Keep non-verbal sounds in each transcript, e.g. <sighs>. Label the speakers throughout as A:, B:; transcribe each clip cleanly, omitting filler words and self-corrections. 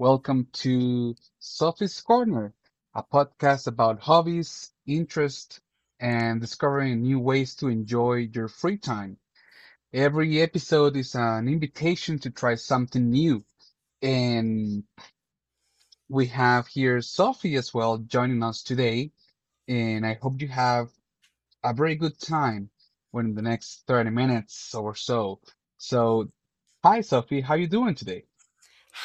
A: Welcome to Sophie's Corner, a podcast about hobbies, interests, and discovering new ways to enjoy your free time. Every episode is an invitation to try something new. And we have here Sophie as well joining us today. And I hope you have a very good time within the next 30 minutes or so. So, hi, Sophie, how you doing today?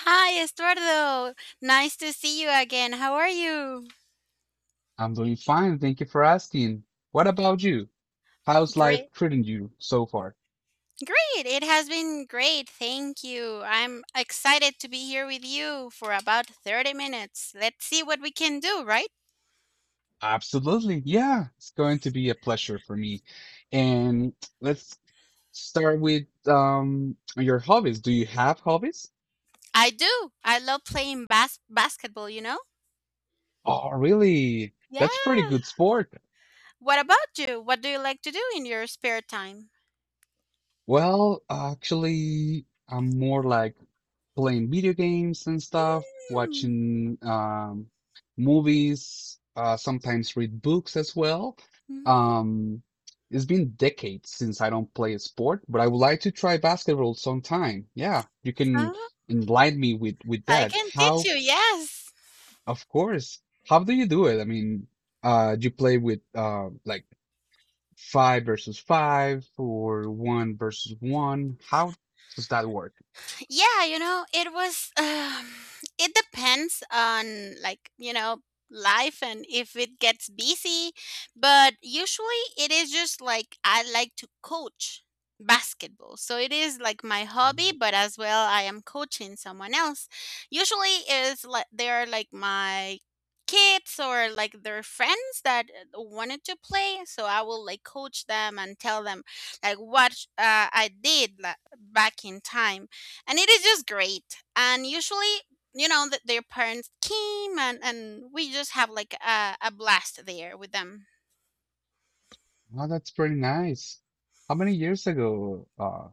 B: Hi, Estuardo. Nice to see you again. How are you?
A: I'm doing fine, thank you for asking. What about you? How's life
B: Great.
A: treating you so far?
B: Great. It has been great. Thank you. I'm excited to be here with you for about 30 minutes. Let's see what we can do, right?
A: Absolutely, yeah, it's going to be a pleasure for me. And let's start with your hobbies. Do you have hobbies?
B: I do. I love playing basketball, you know?
A: Oh, really?
B: Yeah.
A: That's pretty good sport.
B: What about you? What do you like to do in your spare time?
A: Well, actually, I'm more like playing video games and stuff,
B: Hmm.
A: watching movies, sometimes read books as well.
B: Hmm.
A: Um, it's been decades since I don't play a sport, but I would like to try basketball sometime. Yeah, you can
B: Oh,
A: enlighten me with
B: I
A: that.
B: can teach
A: How,
B: you. Yes.
A: of course, how do you do it? I mean, do you play with like five versus five or one versus one? How does that work?
B: Yeah, you know, it was <sighs> it depends on, like, you know, life and if it gets busy, but usually it is just like I like to coach basketball. So it is like my hobby, but as well I am coaching someone else. Usually is like they are like my kids or like their friends that wanted to play, so I will like coach them and tell them like what I did back in time, and it is just great. And usually, you know, that their parents came and we just have like a blast there with them.
A: Wow, that's pretty nice. How many years ago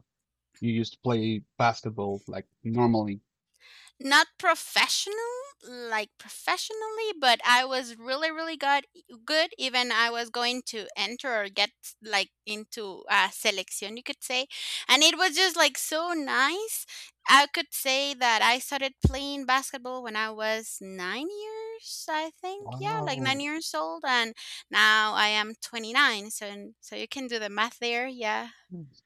A: you used to play basketball like normally?
B: Not professional, like professionally, but I was really, really good. Good, even I was going to enter or get like into a selection, you could say, and it was just like so nice. I could say that I started playing basketball when I was 9 years, I think, yeah, like
A: Wow.
B: 9 years old, and now I am 29. So, so you can do the math there, yeah,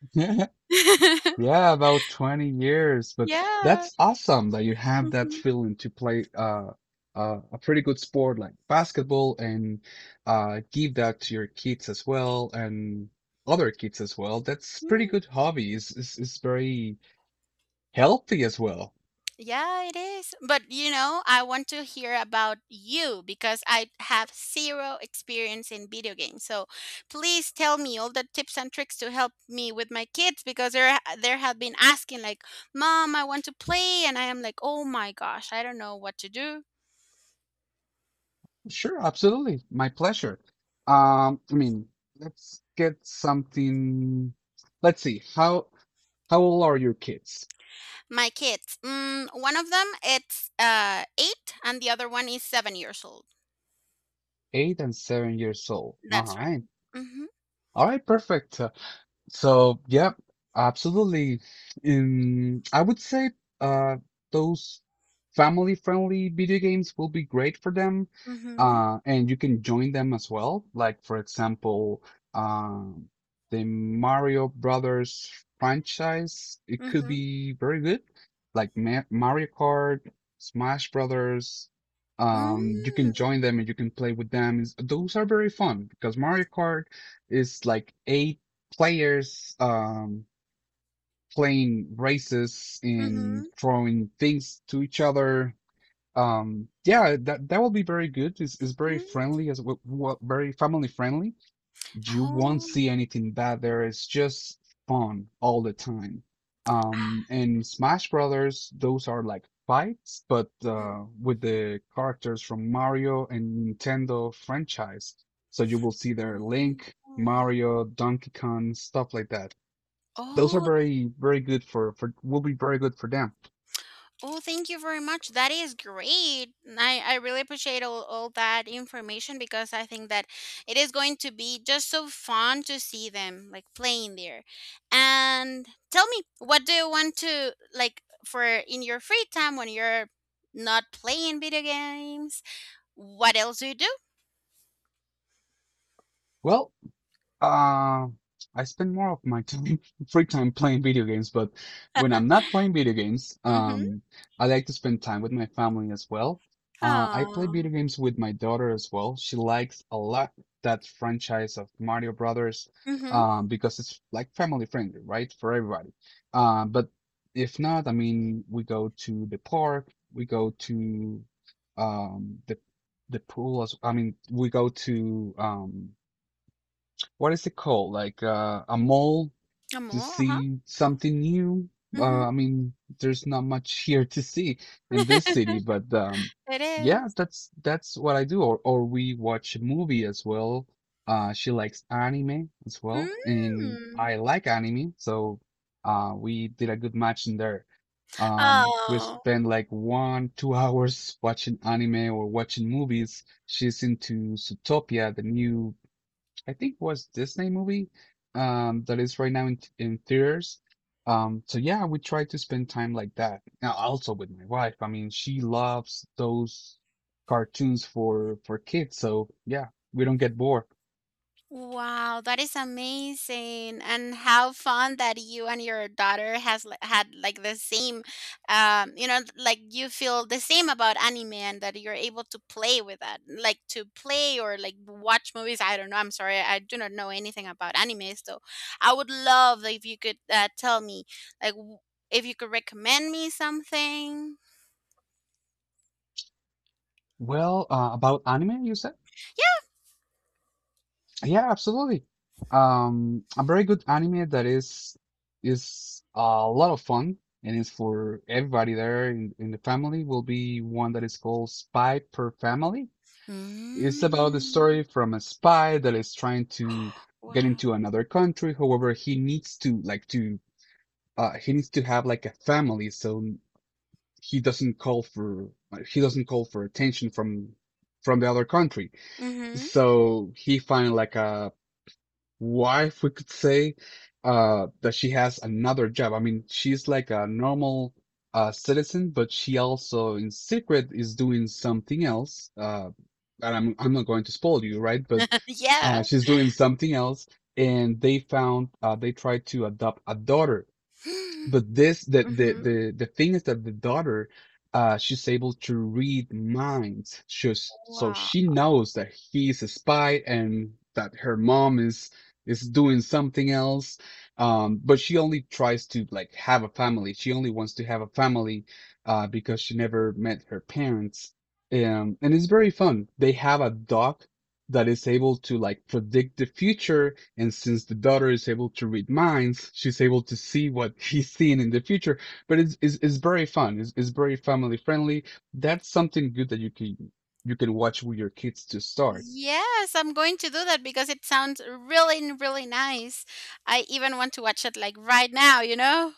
A: <laughs>
B: <laughs>
A: Yeah, about 20 years, but
B: yeah.
A: that's awesome that you have that
B: hmm
A: feeling to play a pretty good sport like basketball and give that to your kids as well and other kids as well. That's pretty good hobby. It's very healthy as well.
B: Yeah, it is. But you know, I want to hear about you because I have zero experience in video games. So please tell me all the tips and tricks to help me with my kids because there have been asking like, "Mom, I want to play," and I am like, "Oh my gosh, I don't know what to do."
A: Sure, absolutely. My pleasure. I mean, let's get something. Let's see. How old are your kids?
B: My kids. One of them it's 8, and the other one is 7 years old.
A: 8 and 7 years old. All
B: That's
A: right.
B: right. Mhm.
A: All right, perfect. So, yeah, absolutely. I would say uh, those family-friendly video games will be great for them,
B: Mhm.
A: and you can join them as well. Like, for example, um, the Mario Brothers franchise, it could
B: Mhm.
A: be very good. Like Ma Mario Kart, Smash Brothers, you can
B: Mm.
A: join them and you can play with them. Those are very fun because Mario Kart is like eight players playing races and
B: Mhm.
A: throwing things to each other. Yeah, that will be very good. It's very
B: Mm.
A: friendly as well, well, very family friendly. You won't
B: Oh.
A: see anything bad there. It's just fun all the time. And Smash Brothers, those are like fights, but with the characters from Mario and Nintendo franchise. So you will see their
B: Oh,
A: Link, Mario, Donkey Kong, stuff like that, those are
B: oh,
A: very very good for will be very good for them.
B: oh, thank you very much. That is great. I really appreciate all that information because I think that it is going to be just so fun to see them like playing there. And tell me, what do you want to like for in your free time when you're not playing video games? What else do you do?
A: Well, Uh, I spend more of my time, <laughs> free time playing video games, but when I'm not playing video games,
B: Mm-hmm.
A: I like to spend time with my family as well. I play video
B: Oh.
A: games with my daughter as well. She likes a lot that franchise of Mario Brothers,
B: Mm-hmm.
A: because it's like family friendly, right, for everybody. But if not, I mean, we go to the park, we go to um, the the pool as, I mean, we go to what is it called? Like a mall to
B: Amor, uh-huh.
A: see something new.
B: Mm-hmm.
A: I mean, there's not much here to see in
B: <laughs>
A: this city, but um,
B: It
A: yeah,
B: is.
A: that's what I do. Or we watch a movie as well. She likes anime as well, and
B: Mm.
A: I like anime, so we did a good match in there. We
B: Oh.
A: spend like one, two <laughs> hours watching anime or watching movies. She's into Zootopia, the new I think was Disney movie that is right now in theaters. So yeah, we try to spend time like that. Now also with my wife, I mean, she loves those cartoons for kids, so yeah, we don't get bored.
B: Wow, that is amazing. And how fun that you and your daughter had like the same you know, like you feel the same about anime and that you're able to play with that. Like to play or like watch movies. I don't know. I'm sorry. I do not know anything about anime, so I would love if you could tell me like if you could recommend me something.
A: Well, about anime, you said? Yeah, absolutely. A very good anime that is a lot of fun and is for everybody there in the family will be one that is called Spy Per Family. It's about the
B: Mm,
A: story from a spy that is trying to get
B: wow.
A: into another country. However, he needs to have like a family, so he doesn't call for he doesn't call for attention from the other country.
B: Mhm.
A: So he finds like a wife, we could say, that she has another job. I mean, she's like a normal citizen, but she also in secret is doing something else. And I'm not going to spoil you, right? But
B: <laughs> yeah.
A: she's doing something else, and they tried to adopt a daughter,
B: <gasps>
A: but this
B: mhm.
A: the thing is that the daughter, she's able to read minds, she's so
B: Wow.
A: she knows that he's a spy and that her mom is doing something else. But she only tries to like have a family, she only wants to have a family because she never met her parents. And it's very fun. They have a dog that is able to like predict the future, and since the daughter is able to read minds, she's able to see what <laughs> he's seeing in the future. But it's very fun. It's very family friendly. That's something good that you can watch with your kids to start.
B: Yes, I'm going to do that because it sounds really, really nice. I even want to watch it like right now, you know?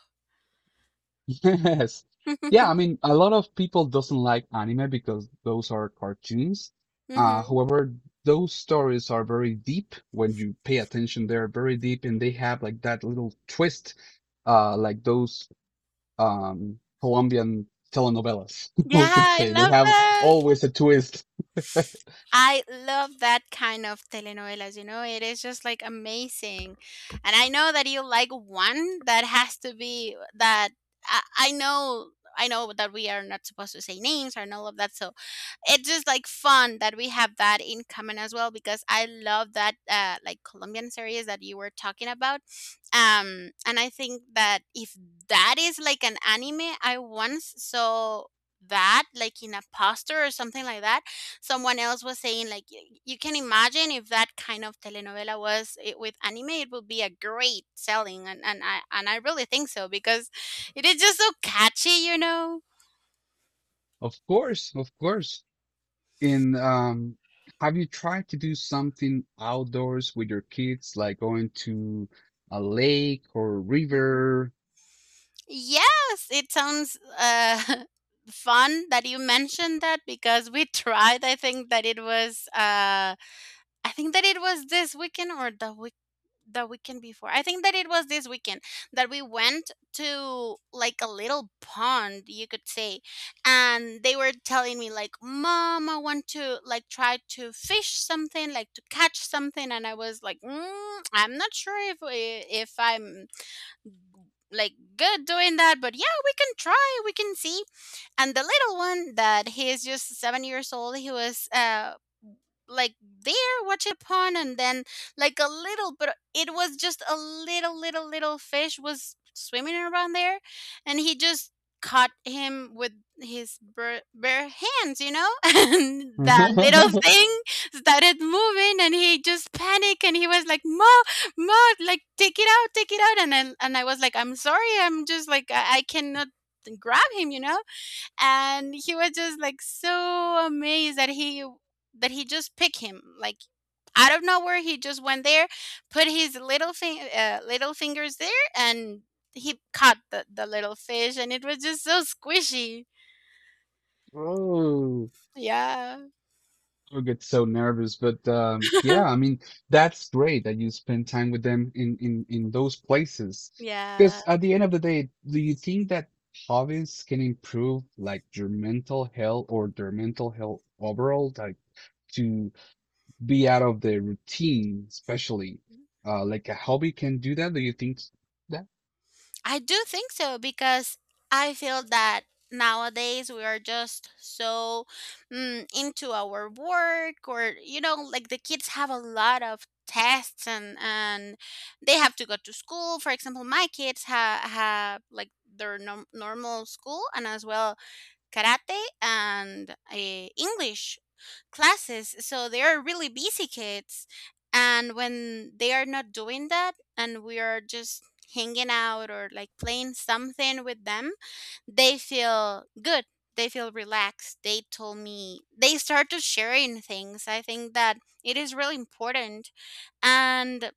A: <laughs> Yes. Yeah, I
B: <laughs>
A: mean, a lot of people doesn't like anime because those are cartoons. Uh,
B: hmm
A: however, those stories are very deep when you pay attention. They're very deep and they have like that little twist, like those Colombian telenovelas. <laughs>
B: Yeah,
A: We could
B: I
A: say they
B: love
A: have
B: that.
A: always a twist. <laughs>
B: I love that kind of telenovelas, you know? It is just like amazing. And I know that you like one that has to be that I, I know I know that we are not supposed to say names and all of that, so it's just like fun that we have that in common as well because I love that like Colombian series that you were talking about, and I think that if that is like an anime, I once saw that like in a poster or something like that. Someone else was saying like you can imagine if that kind of telenovela was it, with anime, it would be a great selling, and and I really think so because it is just so catchy, you know.
A: Of course, of course. In have you tried to do something outdoors with your kids, like going to a lake or river?
B: Yes, it sounds <laughs> fun that you mentioned that because we <laughs> tried. I think that it was, I think that it was this weekend or the weekend before. I think that it was this weekend that we went to like a little pond, you could say, and they were telling me like, "Mom, I want to like try to fish something, like to catch something," and I was like, mm, "I'm not sure if I'm." Like good doing that, but yeah, we can try, we can see. And the little one that he is just 7 years old, he was like there watching the pond, and then like a little, but it was just a little fish was swimming around there, and he just caught him with his bare hands, you know. <laughs> And that little <laughs>
A: <laughs>
B: thing started moving, and he just panicked, and he was like, mo mo like, take it out, take it out, and I was like, I'm sorry, I'm just like, I cannot grab him, you know. And he was just like so amazed that he just picked him like out of nowhere, he just went there, put his little thing, little fingers there, and he caught the little fish, and it was just so squishy.
A: Oh,
B: Yeah.
A: you get so nervous, but yeah, I mean that's great that you spend time with them in, those places.
B: <laughs> Yeah,
A: Because at the end of the day, do you think that hobbies can improve like your mental health or their mental health overall? Like to be out of the routine, especially like a hobby can do that. Do you think that?
B: I do think so because I feel that nowadays we are just so, mm, into our work or, you know, like the kids have a lot of tests, and they have to go to school. For example, my kids have like their normal school, and as well karate and English classes, so they are really busy kids. And when they are not doing that and we are just hanging out or like playing something with them, they feel good, they feel relaxed, they told me, they start to sharing things. I think that it is really important. And,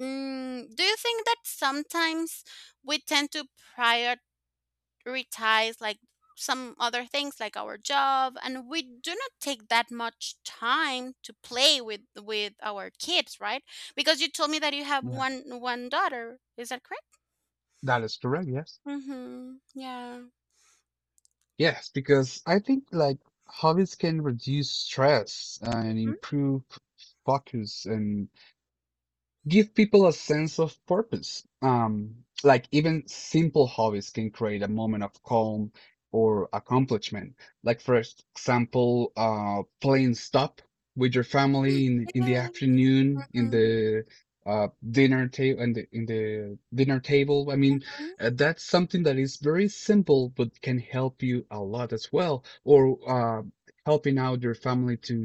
B: mm, do you think that sometimes we tend to reties like some other things like our job, and we do not take that much time to play with our kids, right? Because you told me that you have
A: Yeah,
B: one daughter, is that correct?
A: that is correct. Yes.
B: Mm-hmm. Yeah.
A: Yes, because I think like hobbies can reduce stress and
B: Mhm.
A: improve focus and give people a sense of purpose. Like even simple hobbies can create a moment of calm or accomplishment. Like for example, playing stop with your family in the
B: Yes.
A: afternoon, in the dinner table, in the dinner table. I mean,
B: mm-hmm.
A: that's something that is very simple, but can help you a lot as well. Or helping out your family to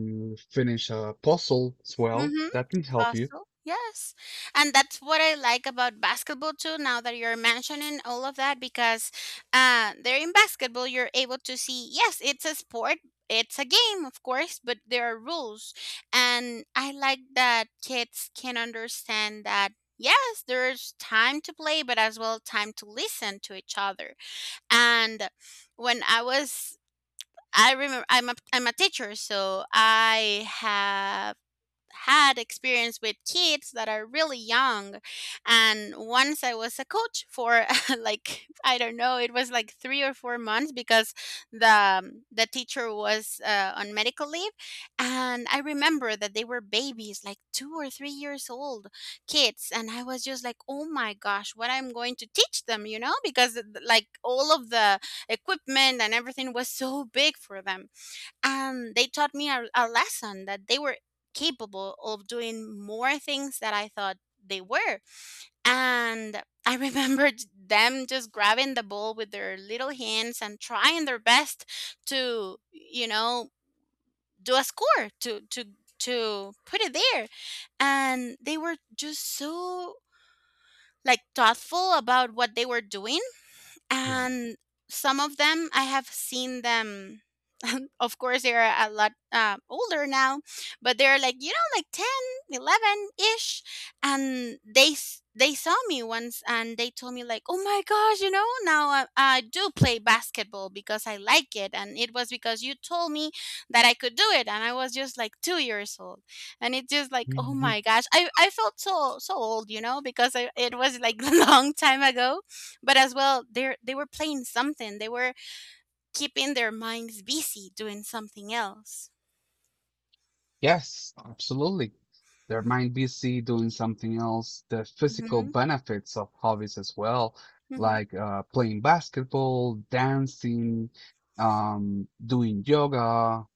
A: finish a puzzle as well.
B: Mm-hmm.
A: That can help you.
B: Apostle. Yes. And that's what I like about basketball too, now that you're mentioning all of that, because there in basketball you're able to see, yes, it's a sport, it's a game, of course, but there are rules. And I like that kids can understand that yes, there's time to play, but as well time to listen to each other. And when I was, I remember, I'm a teacher, so I have had experience with kids that are really young. And once I was a coach for <laughs> like I don't know, it was like 3 or 4 months because the the teacher was on medical leave. And I remember that they were babies, like 2 or 3 years old kids, and I was just like, oh my gosh, what I'm going to teach them, you know, because like all of the equipment and everything was so big for them. And they taught me a lesson that they were capable of doing more things that I thought they were. And I <laughs> remembered them just grabbing the ball with their little hands and trying their best to, you know, do a score to put it there. And they were just so like thoughtful about what they were doing,
A: Yeah.
B: and some of them I have seen them. <laughs> Of course, they are a lot older now, but they're like, you know, like 10, 11 ish, and they they saw me once and they told me like, oh my gosh, you know, now I do play basketball because I like it, and it was because you told me that I could do it. And I was just like 2 years old, and it's just like, oh
A: Uhum.
B: my gosh, I felt so so old, you know, because I, it was like <laughs> a long time ago, but as well they were playing something, they were keeping their minds busy doing something else.
A: Yes, absolutely. Their mind busy doing something else. The physical
B: Mhm.
A: benefits of hobbies as well,
B: Mhm.
A: like playing basketball, dancing, doing yoga,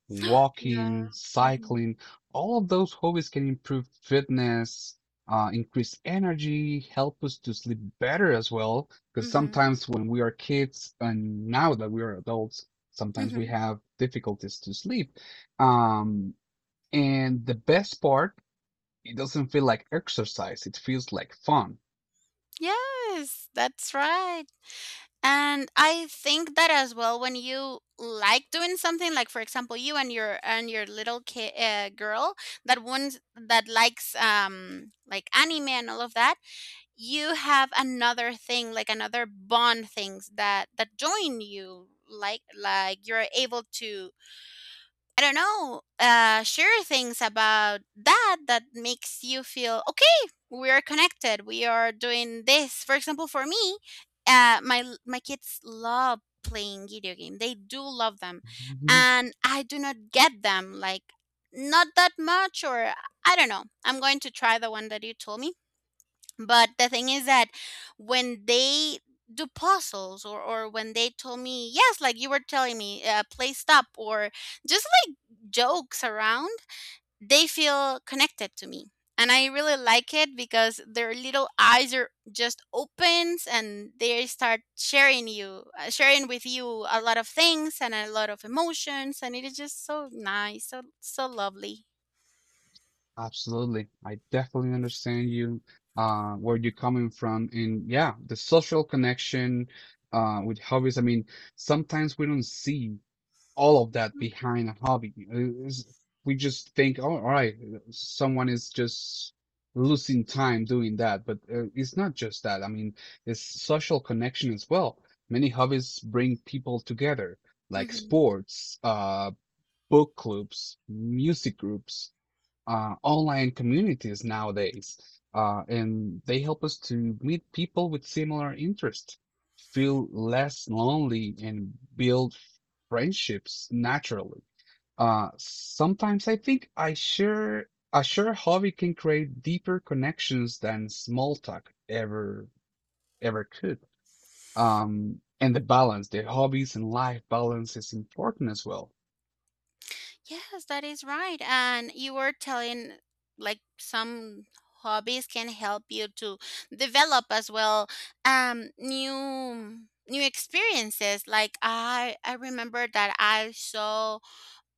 B: Yeah.
A: walking,
B: mhm
A: cycling. All of those hobbies can improve fitness, increase energy, help us to sleep better as well. Because
B: mhm
A: sometimes when we are kids and now that we are adults, sometimes we
B: mhm.
A: have difficulties to sleep. Um, and the best part, it doesn't feel like exercise, it feels like fun.
B: Yes, that's right. And I think that as well when you like doing something, like for example you and your little kid, girl, that one that likes anime and all of that, you have another thing, like another bond, things that join you, like you're able to, I don't know, share things about that makes you feel okay, we are connected, we are doing this. For example, for me, uh my my kids love playing video game. They do love them
A: Mhm.
B: and I do not get them like not that much, or I don't know, I'm going to try the one that you told me. But the thing is that when they do puzzles, or when they told me, yes, like you were telling me, play stop or just like jokes around, they feel connected to me. And I really like it because their little eyes are just opens and they start sharing you, sharing with you a lot of things and a lot of emotions. And it is just so nice, so, so lovely.
A: Absolutely. I definitely understand you, where you're coming from. And yeah, the social connection, with hobbies. I mean, sometimes we don't see all of that behind a hobby. We just think, oh, all right, someone is just losing time doing that, but it's not just that. I mean, it's social connection as well. Many hobbies bring people together, like
B: Mhm.
A: sports, book clubs, music groups, online communities nowadays, and they help us to meet people with similar interests, feel less lonely, and build friendships naturally. Sometimes I think I sure a shared hobby can create deeper connections than small talk ever could. And the balance, the hobbies and life balance is important as well.
B: Yes, that is right. And you were telling like some hobbies can help you to develop as well um new new experiences. Like I remember that I saw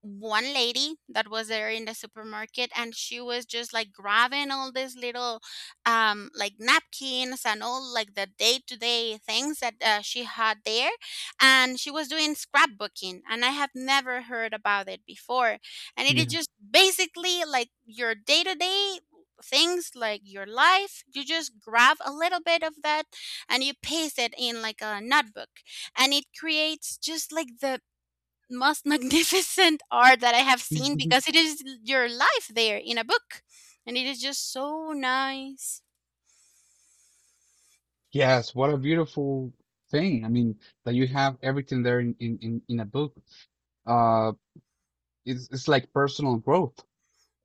B: one lady that was there in the supermarket and she was just like grabbing all these little like napkins and all like the day-to-day things that she had there, and she was doing scrapbooking, and I have never heard about it before. And it is
A: Yeah.
B: just basically like your day-to-day things, like your life, you just grab a little bit of that and you paste it in like a notebook, and it creates just like the most magnificent <laughs> art that I have seen, because
A: <laughs>
B: it is your life there in a book, and it is just so nice.
A: Yes, what a beautiful thing. I mean, that you have everything there in a book. Uh, it's like personal growth.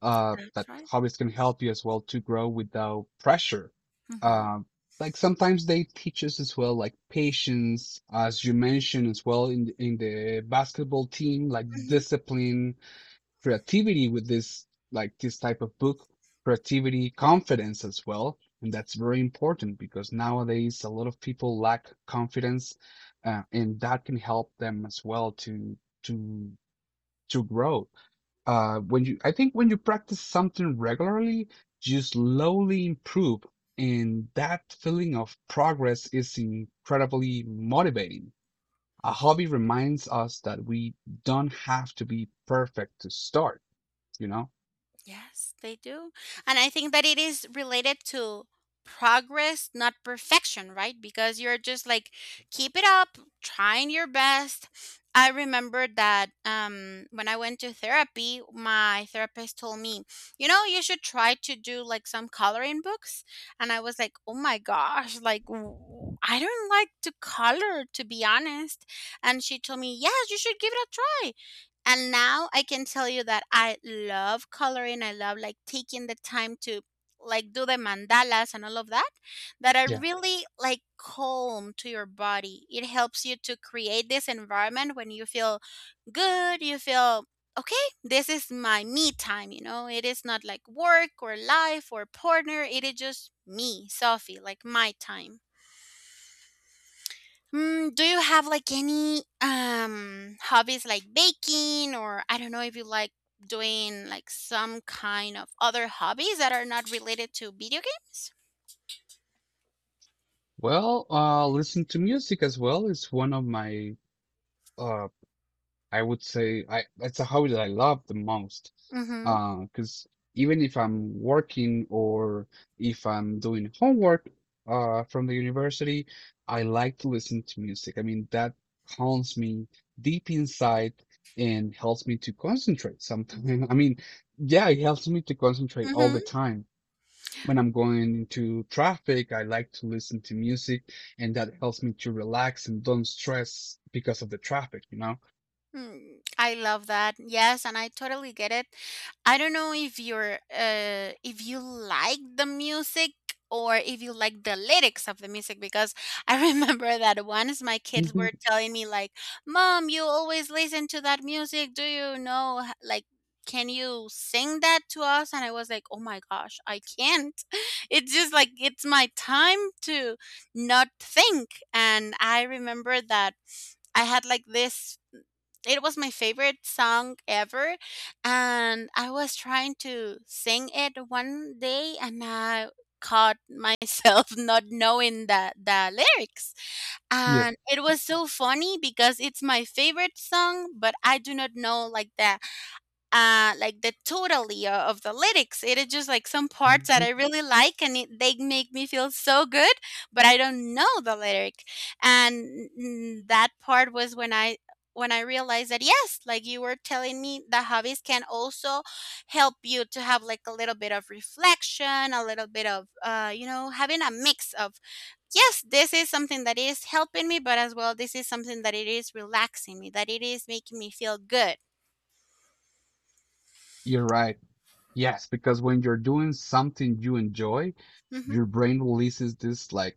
A: uh,
B: That's
A: that
B: right.
A: hobbies can help you as well to grow without pressure.
B: Hmm.
A: Um, like sometimes they teach us as well, like patience, as you mentioned as well in the basketball team, like discipline, creativity with this like this type of book, creativity, confidence as well, and that's very important because nowadays a lot of people lack confidence, and that can help them as well to to grow. When you practice something regularly, you slowly improve. And that feeling of progress is incredibly motivating. A hobby reminds us that we don't have to be perfect to start you know
B: Yes, they do. And I think that it is related to progress, not perfection, right? Because you're just like, keep it up, trying your best. I remember that when I went to therapy, my therapist told me, you know, you should try to do like some coloring books. And I was like, oh my gosh, like, I don't like to color, to be honest. And she told me, yes, you should give it a try. And now I can tell you that I love coloring. I love like taking the time to like do the mandalas and all of that, that are
A: yeah,
B: really like calm to your body. It helps you to create this environment when you feel good, you feel okay, this is my me time, you know. It is not like work or life or partner, it is just me, Sophie, like my time. Mm, do you have like any hobbies like baking, or I don't know if you like doing like some kind of other hobbies that are not related to video games?
A: well, listen to music as well is one of my uh I would say, I that's a hobby that I love the most. Because even if I'm working or if I'm doing homework from the university, I like to listen to music. I mean, that calms me deep inside and helps me to concentrate sometimes. <laughs> I mean, yeah, it helps me to concentrate all the
B: Mhm.
A: time. When I'm going into traffic, I like to listen to music, and that helps me to relax and don't stress because of the traffic, you know?
B: Mm, I love that. Yes, and I totally get it. I don't know if you're if you like the music or if you like the lyrics of the music, because <laughs> I remember that once my kids were
A: <laughs>
B: telling me like, "Mom, you always listen to that music. Do you know like can you sing that to us?" And I was like, "Oh my gosh, I can't." <laughs> It's just like it's my time to not think. And I remember that I had like this, it was my favorite song ever, and I was trying to sing it one day, and I caught myself <laughs> not knowing the lyrics.
A: Mhm.
B: And it was so funny because it's my favorite song, but I do not know like the totally of the lyrics, it is just like some parts that
A: Mhm.
B: I really like and they make me feel so good. But I don't know the lyric. And mm, that part was when I realized that yes, like you were telling me, the hobbies can also help you to have like a little bit of reflection, a little bit of, you know, having a mix of yes, this is something that is helping me, but as well this is something that it is relaxing me, that it is making me feel good.
A: You're right. Yes, because when you're doing something you enjoy,
B: Hmm.
A: your brain releases this like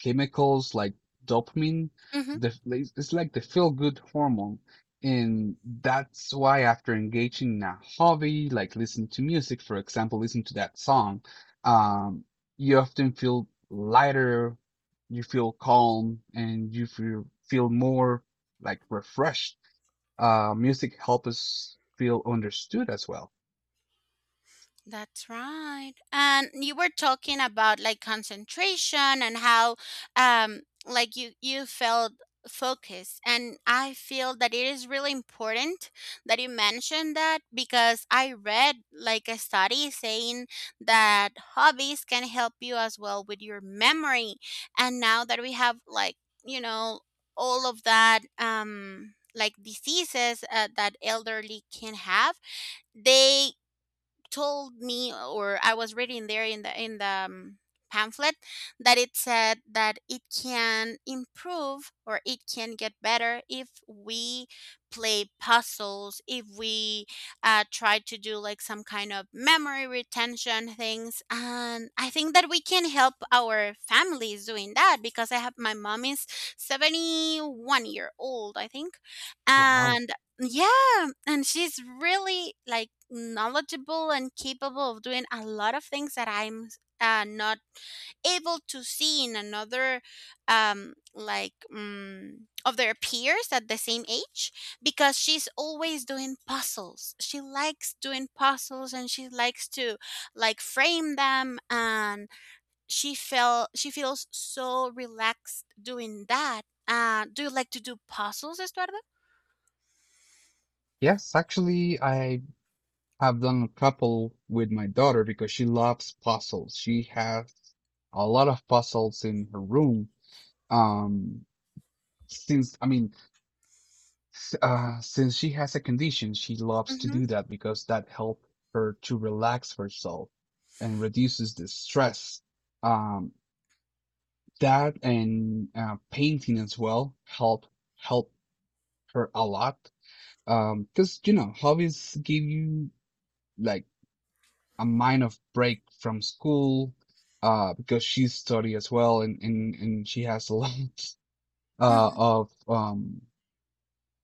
A: chemicals like dopamine. The it's like the feel-good hormone. And that's why after engaging in a hobby, like listening to music, for example, listening to that song, um, you often feel lighter, you feel calm, and you feel more like refreshed. Music helps us feel understood as well.
B: That's right. And you were talking about like concentration and how like you felt focused, and I feel that it is really important that you mentioned that because I read like a study saying that hobbies can help you as well with your memory. And now that we have like, you know, all of that like diseases that elderly can have, they told me or I was reading there in the pamphlet that it said that it can improve or it can get better if we play puzzles, if we try to do like some kind of memory retention things. And I think that we can help our families doing that, because I have, my mom is 71-year-old I think,
A: Wow.
B: and yeah, and she's really like knowledgeable and capable of doing a lot of things that I'm not able to see in another like of their peers at the same age, because she's always doing puzzles, she likes doing puzzles and she likes to like frame them, and she felt, she feels so relaxed doing that. Do you like to do puzzles, Estuardo?
A: Yes, actually, I have done a couple with my daughter because she loves puzzles. She has a lot of puzzles in her room. Um, since I mean, s- since she has a condition, she loves to
B: Mm-hmm.
A: do that because that helps her to relax herself and reduces the stress. Um, that and painting as well help her a lot. Because you know, hobbies give you like a minor break from school because she's study as well, and, and she has a lot <laughs> of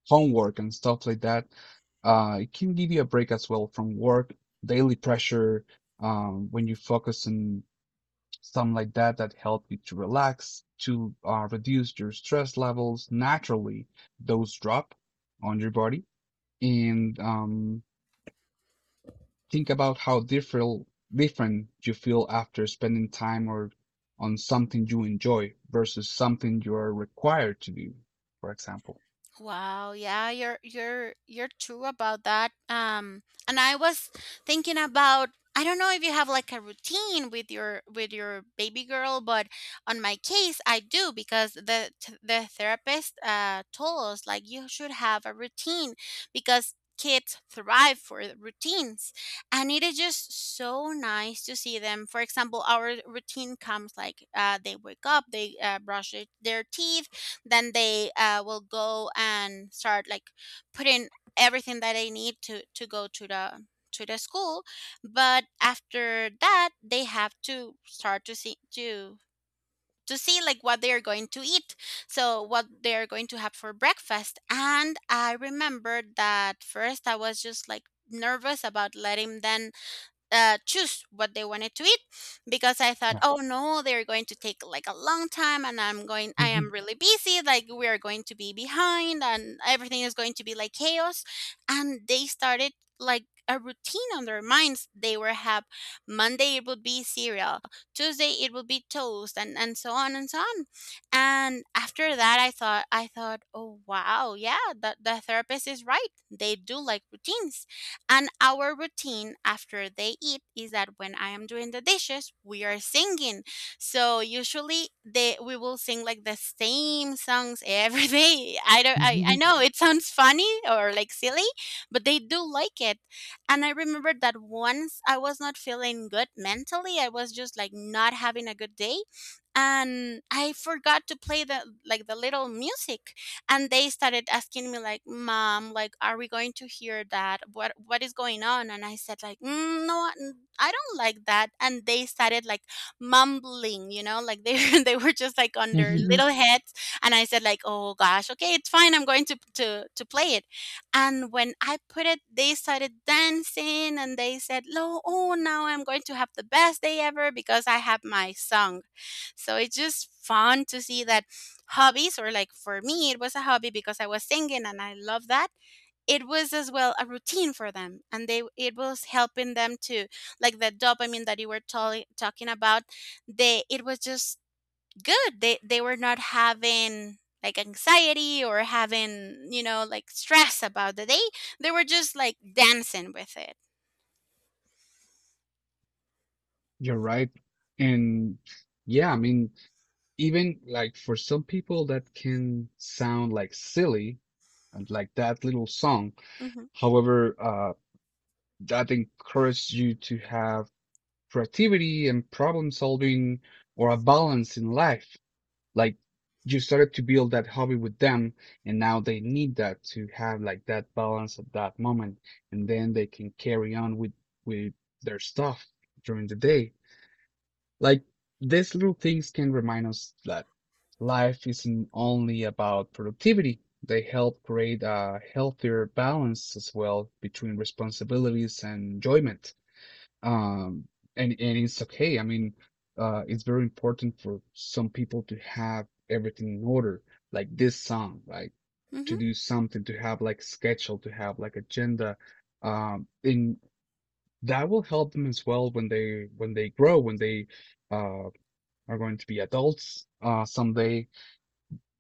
A: homework and stuff like that. It can give you a break as well from work, daily pressure, when you focus on something like that that help you to relax, to reduce your stress levels. Naturally, those drop on your body, and think about how different you feel after spending time or on something you enjoy versus something you are required to do, for example.
B: Wow, yeah, you're true about that. Um, and I was thinking about, I don't know if you have like a routine with your baby girl, but on my case I do, because the therapist told us like you should have a routine because kids thrive for routines. And it is just so nice to see them, for example. Our routine comes like, they wake up, they brush their teeth, then they will go and start like putting everything that they need to go to the school. But after that, they have to start to see to see like what they are going to eat, so what they are going to have for breakfast. And I remember that first I was just like nervous about letting them choose what they wanted to eat, because I thought,
A: Yeah.
B: oh no, they're going to take like a long time and
A: <laughs>
B: I
A: Hmm.
B: am really busy. Like we are going to be behind and everything is going to be like chaos. And they started like a routine on their minds. They were have Monday it would be cereal, Tuesday it would be toast, and so on and so on. And after that, I thought, oh wow, yeah, the therapist is right. They do like routines. And our routine after they eat is that when I am doing the dishes, we are singing. So usually they we will sing like the same songs every <laughs> day. I don't I
A: Mhm,
B: know it sounds funny or like silly, but they do like it. And I remember that once I was not feeling good mentally. I was just like not having a good day. And I forgot to play the like the little music, and they started asking me like, "Mom, like are we going to hear that, what is going on?" And I said like, "Mm, no, I don't like that." And they started like mumbling, you know, like they <laughs> they were just like on their
A: mhm.
B: little heads. And I said like, oh gosh, okay, it's fine, I'm going to to play it. And when I put it, they started dancing and they said, no, oh now I'm going to have the best day ever because I have my song. So it's just fun to see that hobbies, or like for me it was a hobby because I was singing and I love that, it was as well a routine for them, and they it was helping them to like the dopamine that you were talking about. They It was just good. They were not having like anxiety or having, you know, like stress about the day, they were just like dancing with it.
A: <laughs> You're right. And yeah, I mean, even like for some people that can sound like silly, and like that little song.
B: Hmm.
A: However, that encourages you to have creativity and problem solving or a balance in life. Like you started to build that hobby with them and now they need that to have like that balance at that moment and then they can carry on with with their stuff during the day. Like these little things can remind us that life isn't only about productivity. They help create a healthier balance as well between responsibilities and enjoyment. um, and it's okay. I mean, it's very important for some people to have everything in order, like this song, like to do something, to have like schedule, to have like agenda, and that will help them as well when they grow, when they uh, are going to be adults someday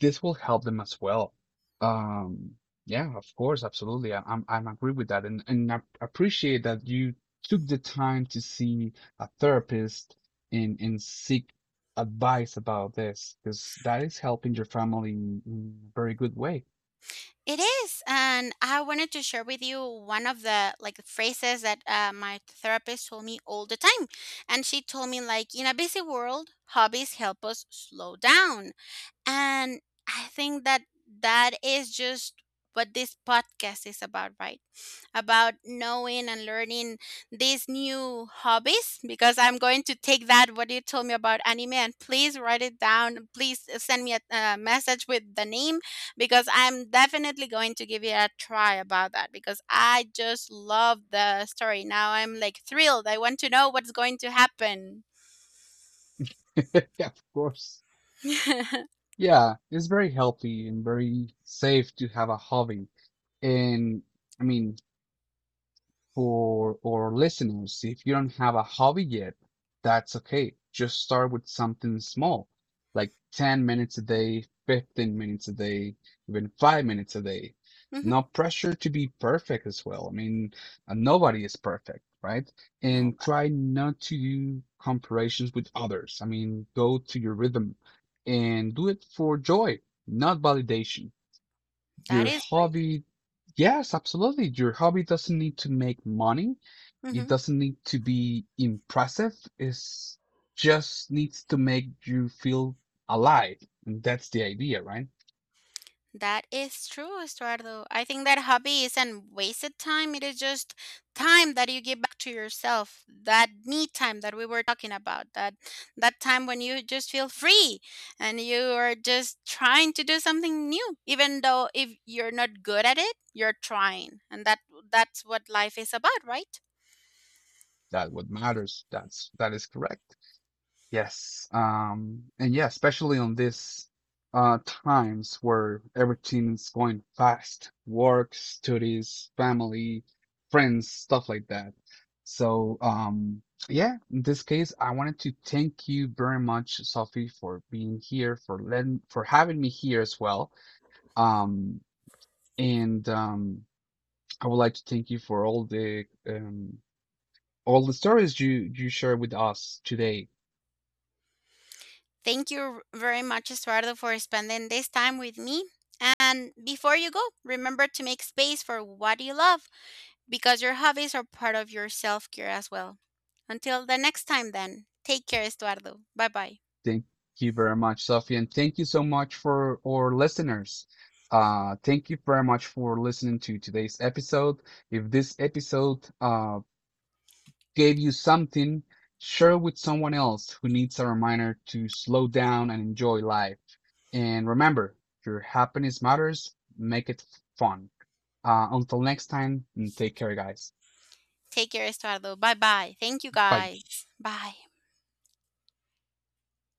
A: this will help them as well. Um, yeah, of course, absolutely. I, I'm agree with that, and I appreciate that you took the time to see a therapist and seek advice about this because that is helping your family in a very good way.
B: It is, and I wanted to share with you one of the like phrases that my therapist told me all the time, and she told me like, in a busy world, hobbies help us slow down. And I think that that is just what this podcast is about, right? About knowing and learning these new hobbies. Because I'm going to take that, what you told me about anime, and please write it down. Please send me a message with the name, because I'm definitely going to give it a try about that, because I just love the story. Now I'm like thrilled. I want to know what's going to happen.
A: <laughs> Yeah, of course.
B: <laughs>
A: Yeah, it's very healthy and very safe to have a hobby. And I mean, for our listeners, if you don't have a hobby yet, that's okay. Just start with something small, like 10 minutes a day, 15 minutes a day, even 5 minutes a day.
B: Mhm.
A: No pressure to be perfect as well. I mean, nobody is perfect, right?
B: No,
A: And try not to do comparisons with others. I mean, go to your rhythm and do it for joy, not validation.
B: that
A: Your
B: is great.
A: hobby, yes, absolutely. Your hobby doesn't need to make money. It
B: Mhm.
A: doesn't need to be impressive. It's just needs to make you feel alive. And that's the idea, right?
B: That is true, Estuardo. I think that hobby isn't wasted time. It is just time that you give back to yourself. That me time that we were talking about. That that time when you just feel free and you are just trying to do something new. Even though if you're not good at it, you're trying. And that's what life is about, right?
A: That's what matters. That's that is correct. Yes. And yeah, especially on this times where everything is going fast, work, studies, family, friends, stuff like that. So, yeah, in this case, I wanted to thank you very much, Sophie, for being here, for letting, for having me here as well. Um, and I would like to thank you for all the stories you shared with us today.
B: Thank you very much, Estuardo, for spending this time with me. And before you go, remember to make space for what you love, because your hobbies are part of your self care as well. Until the next time, then, take care, Estuardo. Bye bye.
A: Thank you very much, Sophie, and thank you so much for our listeners. Thank you very much for listening to today's episode. If this episode gave you something, share with someone else who needs a reminder to slow down and enjoy life. And remember, your happiness matters. Make it fun. Until next time, and take care, guys.
B: Take care, Estuardo. Bye bye. Thank you,
A: Bye.
B: guys. Bye.